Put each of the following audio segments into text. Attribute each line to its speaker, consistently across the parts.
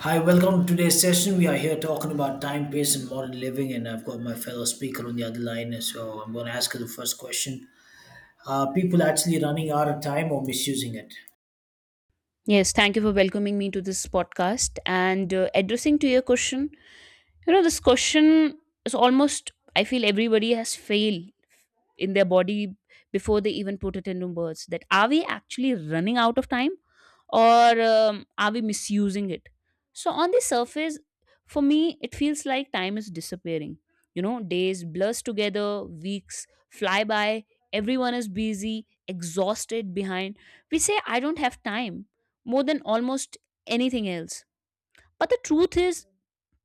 Speaker 1: Hi, welcome to today's session. We are here talking about time, pace, and modern living, and I've got my fellow speaker on the other line, so I'm going to ask her the first question. Are people actually running out of time or misusing it?
Speaker 2: Yes, thank you for welcoming me to this podcast and addressing to your question. You know, this question is almost, I feel everybody has failed in their body before they even put it into words that are we actually running out of time or are we misusing it? So, on the surface, for me, it feels like time is disappearing. You know, days blurs together, weeks fly by, everyone is busy, exhausted, behind. We say, I don't have time more than almost anything else. But the truth is,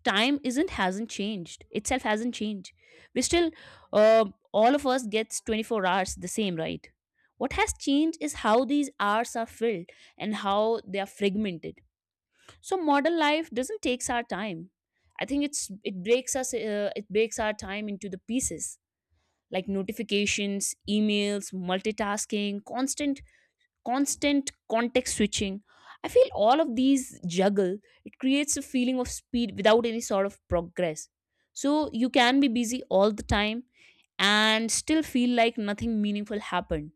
Speaker 2: time isn't hasn't changed itself hasn't changed. We still uh, all of us gets 24 hours the same, right? What has changed is how these hours are filled and how they are fragmented. So modern life doesn't takes our time, I think it breaks us, it breaks our time into the pieces, like notifications, emails, multitasking, constant context switching. I feel all of these juggle, it creates a feeling of speed without any sort of progress. So you can be busy all the time and still feel like nothing meaningful happened.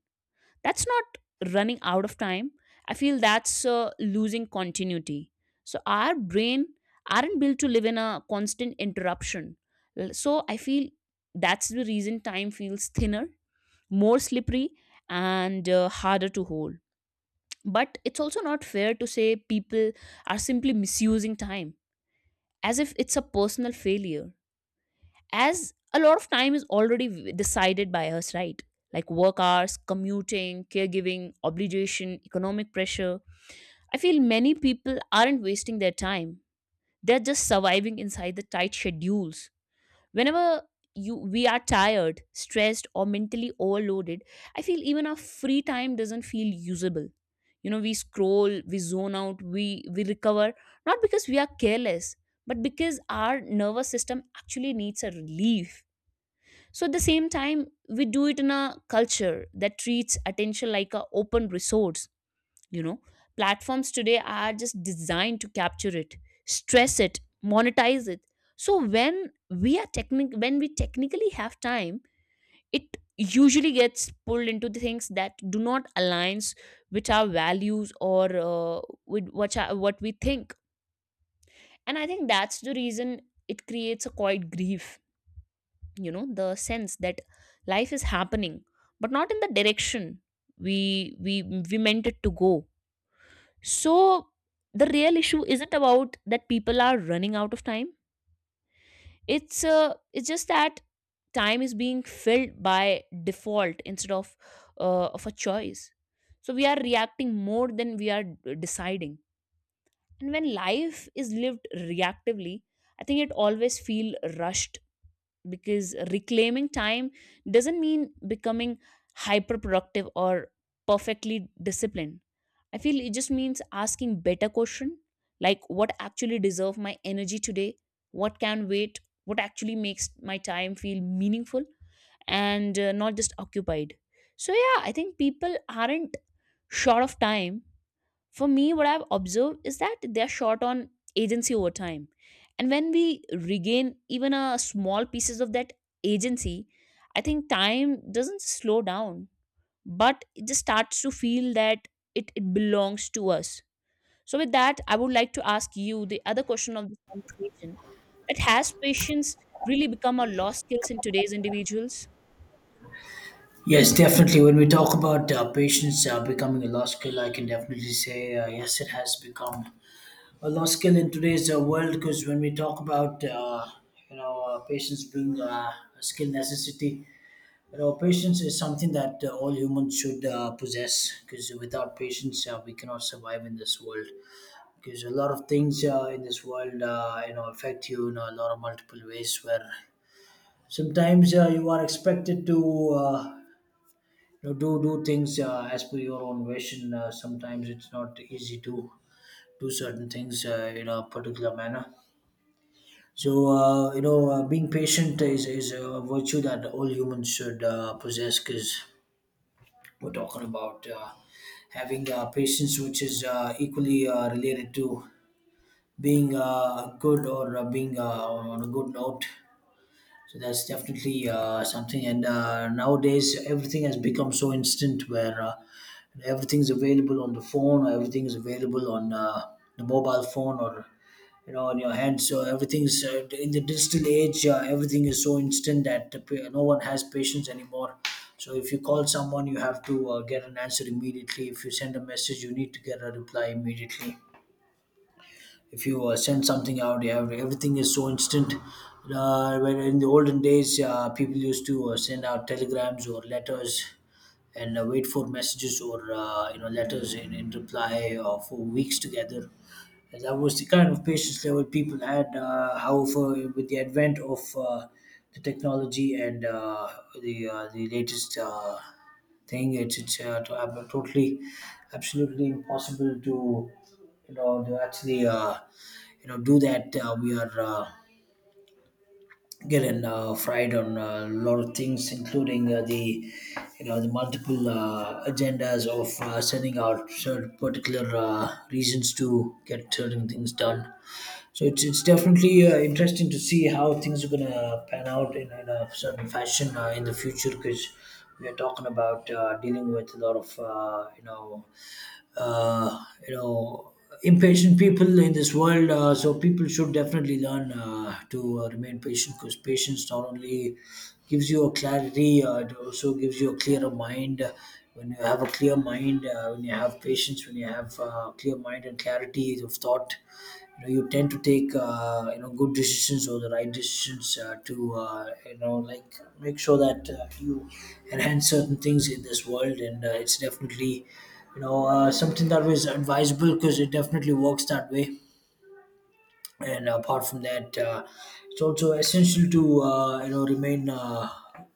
Speaker 2: That's not running out of time. I feel that's losing continuity. So our brain aren't built to live in a constant interruption. So I feel that's the reason time feels thinner, more slippery, and harder to hold. But it's also not fair to say people are simply misusing time as if it's a personal failure, as a lot of time is already decided by us, right? Like work hours, commuting, caregiving, obligation, economic pressure. I feel many people aren't wasting their time, they're just surviving inside the tight schedules. Whenever you we are tired, stressed, or mentally overloaded, I feel even our free time doesn't feel usable. You know, we scroll, we zone out, we recover not because we are careless, but because our nervous system actually needs a relief. So at the same time, we do it in a culture that treats attention like a open resource. You know, platforms today are just designed to capture it, stress it, monetize it. So when we technically have time, it usually gets pulled into the things that do not aligns with our values or with what we think. And I think that's the reason it creates a quiet grief, you know, the sense that life is happening but not in the direction we we we meant it to go. So the real issue isn't about that people are running out of time. It's just that time is being filled by default instead of a choice. So we are reacting more than we are deciding. And when life is lived reactively, I think it always feel rushed. Because reclaiming time doesn't mean becoming hyper productive or perfectly disciplined, I feel it just means asking better question, like what actually deserve my energy today, what can wait, what actually makes my time feel meaningful and not just occupied. So yeah, I think people aren't short of time. For me what I've observed is that they're short on agency over time. And when we regain even a small pieces of that agency, I think time doesn't slow down but it just starts to feel that it belongs to us. So, with that, I would like to ask you the other question of this conversation, that has patience really become a lost skills in today's individuals?
Speaker 1: Yes, definitely. When we talk about patience becoming a lost skill, I can definitely say yes, it has become a lost skill in today's world. Because when we talk about patience being a skill necessity, you know, patience is something that all humans should possess because without patience, we cannot survive in this world. Because a lot of things in this world, affect you in a lot of multiple ways. Where sometimes you are expected to, uh, do things as per your own wish, and sometimes it's not easy to do certain things in a particular manner. So being patient is a virtue that all humans should possess because we're talking about having patience, which is equally related to being good or being on a good note. So that's definitely something. And nowadays, everything has become so instant where everything's available on the phone, or everything's available on the mobile phone, or you know, on your hand. So everything's in the digital age. Everything is so instant that no one has patience anymore. So if you call someone, you have to get an answer immediately. If you send a message, you need to get a reply immediately. If you send something out, you have everything is so instant. When in the olden days, people used to send out telegrams or letters, and wait for messages or letters in reply for weeks together, and that was the kind of patience level people had. However, with the advent of the technology and the latest thing, it's totally absolutely impossible to you know to actually do that. We are getting fried on a lot of things including the you know the multiple agendas of sending out certain particular reasons to get certain things done. So it's definitely interesting to see how things are gonna pan out in a certain fashion in the future, because we are talking about dealing with a lot of uh, you know impatient people in this world. So people should definitely learn to remain patient because patience not only gives you a clarity, it also gives you a clearer mind. When you have a clear mind, when you have patience, when you have clear mind and clarity of thought, you know you tend to take good decisions or the right decisions to like make sure that you enhance certain things in this world, and it's definitely you know something that was advisable because it definitely works that way. And apart from that it's also essential to you know remain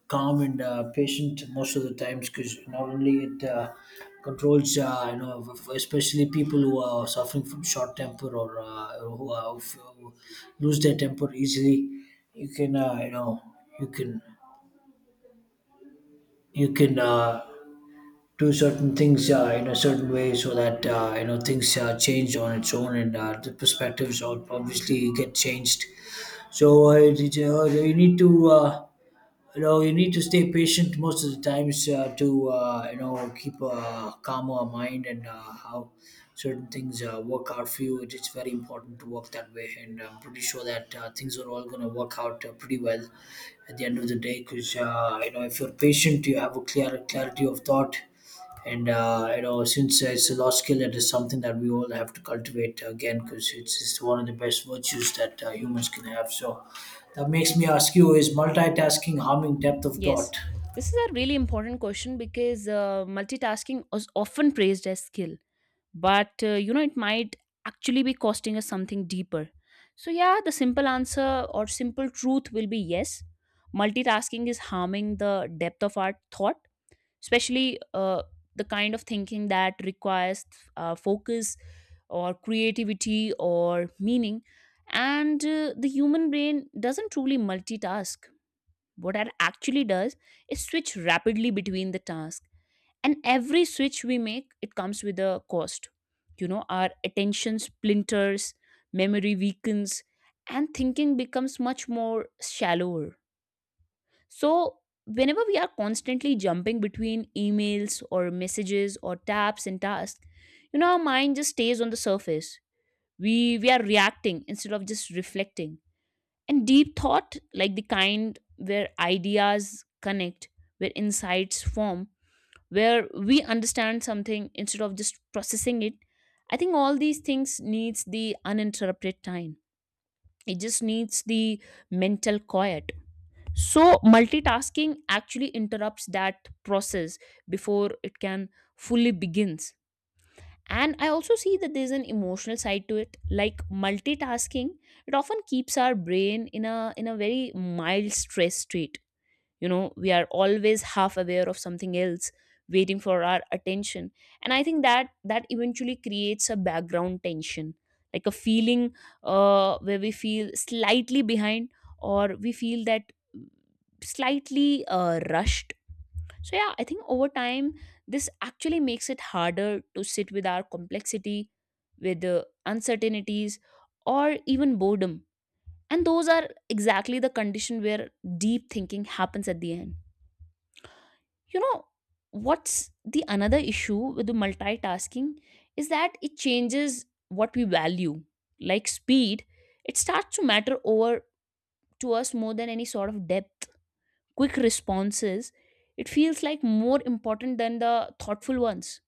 Speaker 1: calm and patient most of the times because not only it controls especially people who are suffering from short temper or who, are, who lose their temper easily. You can you can you can do certain things in a certain way so that you know things change on its own, and the perspectives obviously get changed. So you need to you know you need to stay patient most of the times to you know keep a calmer mind and how certain things work out for you. It is very important to work that way, and I'm pretty sure that things are all going to work out pretty well at the end of the day. Because you know if you're patient, you have a clear clarity of thought, and you know since it's a lost skill, it is something that we all have to cultivate again because it's one of the best virtues that humans can have. So that makes me ask you, is multitasking harming depth of
Speaker 2: Yes,
Speaker 1: thought?
Speaker 2: this is a really important question because multitasking is often praised as skill, but you know, it might actually be costing us something deeper. So, yeah, the simple answer or simple truth will be yes, multitasking is harming the depth of our thought, especially the kind of thinking that requires focus or creativity or meaning. And the human brain doesn't truly multitask, what it actually does is switch rapidly between the tasks. And every switch we make, it comes with a cost. You know, our attention splinters, memory weakens, and thinking becomes much more shallower. So, whenever we are constantly jumping between emails or messages or tabs and tasks, you know, our mind just stays on the surface. We are reacting instead of just reflecting. And deep thought, like the kind where ideas connect, where insights form, where we understand something instead of just processing it, I think all these things needs the uninterrupted time. It just needs the mental quiet. So, multitasking actually interrupts that process before it can fully begins. And I also see that there's an emotional side to it. Like multitasking, it often keeps our brain in a very mild stress state. You know, we are always half aware of something else waiting for our attention. And I think that eventually creates a background tension, like a feeling where we feel slightly behind or we feel that slightly rushed. So yeah, I think over time this actually makes it harder to sit with our complexity, with the uncertainties or even boredom. And those are exactly the condition where deep thinking happens at the end, you know. What's the another issue with the multitasking is that it changes what we value, like speed. It starts to matter over to us more than any sort of depth. Quick responses, it feels like more important than the thoughtful ones.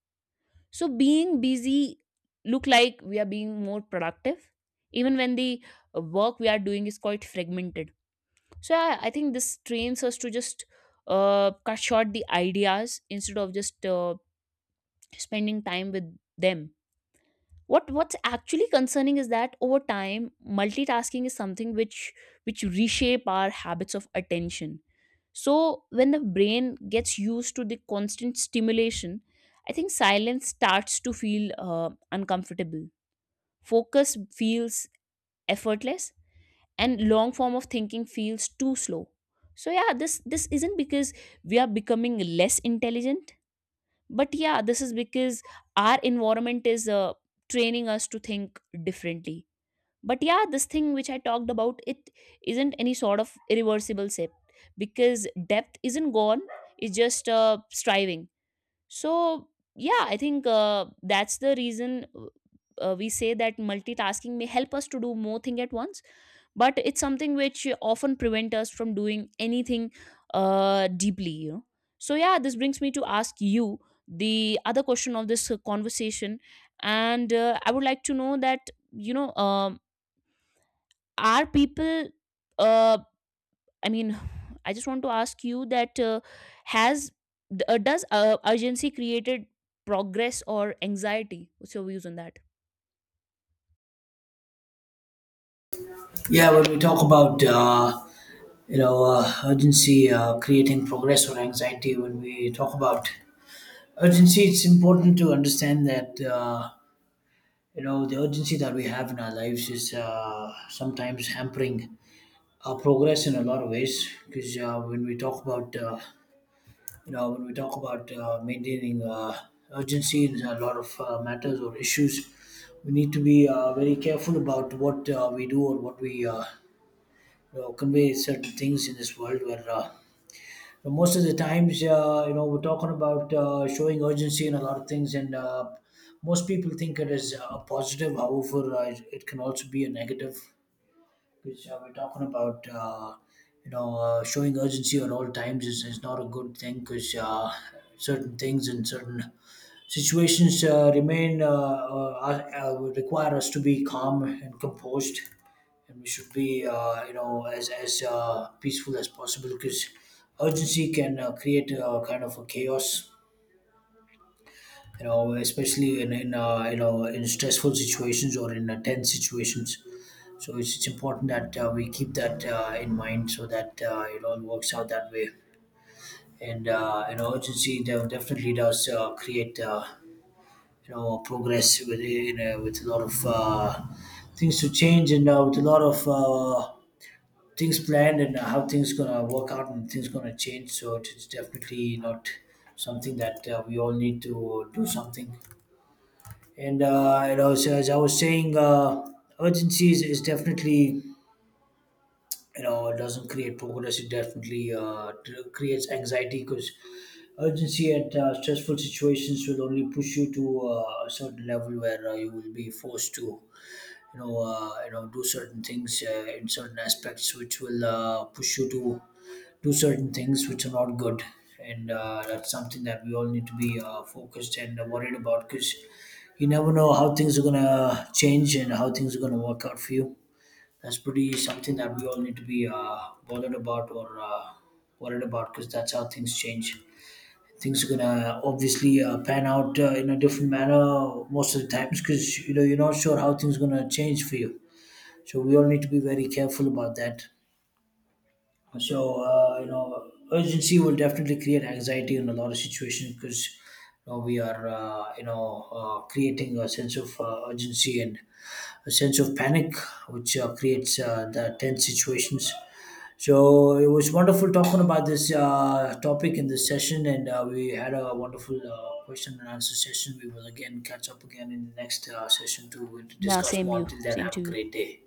Speaker 2: So being busy look like we are being more productive, even when the work we are doing is quite fragmented. So yeah, I think this trains us to just cut short the ideas instead of just spending time with them. What's actually concerning is that over time multitasking is something which reshape our habits of attention. So when the brain gets used to the constant stimulation, I think silence starts to feel uncomfortable, focus feels effortless, and long form of thinking feels too slow. So yeah, this isn't because we are becoming less intelligent, but yeah, this is because our environment is training us to think differently. But yeah, this thing which I talked about it isn't any sort of irreversible shift, because depth isn't gone, it's just striving. So yeah, I think that's the reason we say that multitasking may help us to do more thing at once, but it's something which often prevent us from doing anything deeply, you know. So yeah, this brings me to ask you the other question of this conversation, and I would like to know that, you know, are people uh, I mean I just want to ask you that has does urgency created progress or anxiety? What's your views on that?
Speaker 1: Yeah, when we talk about urgency creating progress or anxiety, when we talk about urgency, it's important to understand that you know the urgency that we have in our lives is sometimes hampering progress in a lot of ways. Because when we talk about when we talk about maintaining urgency in a lot of matters or issues, we need to be very careful about what we do or what we you know, convey certain things in this world where you know, most of the times you know we're talking about showing urgency in a lot of things, and most people think it is a positive, however it can also be a negative because we're talking about showing urgency at all times is not a good thing because certain things and certain situations remain would require us to be calm and composed, and we should be you know as peaceful as possible because urgency can create a kind of a chaos, you know especially in you know in stressful situations or in tense situations. So it's important that we keep that in mind so that it all works out that way. And you know, urgency definitely does create progress with you know, with a lot of things to change, and with a lot of things planned and how things gonna work out and things gonna change. So it's definitely not something that we all need to do something. And you know, so as I was saying, urgency is definitely you know it doesn't create progress, it definitely creates anxiety because urgency at stressful situations will only push you to a certain level where you will be forced to you know do certain things in certain aspects which will push you to do certain things which are not good, and that's something that we all need to be focused and worried about because you never know how things are going to change and how things are going to work out for you. That's pretty something that we all need to be bothered about or worried about because that's how things change. Things are gonna obviously pan out in a different manner most of the times because you know you're not sure how things are gonna change for you. So we all need to be very careful about that. So you know, urgency will definitely create anxiety in a lot of situations because you know, we are creating a sense of urgency and a sense of panic, which creates the tense situations. So it was wonderful talking about this topic in this session, and we had a wonderful question and answer session. We will again catch up again in the next session to
Speaker 2: Yeah,
Speaker 1: discuss more. Until then,
Speaker 2: same
Speaker 1: have a
Speaker 2: to you.
Speaker 1: great day.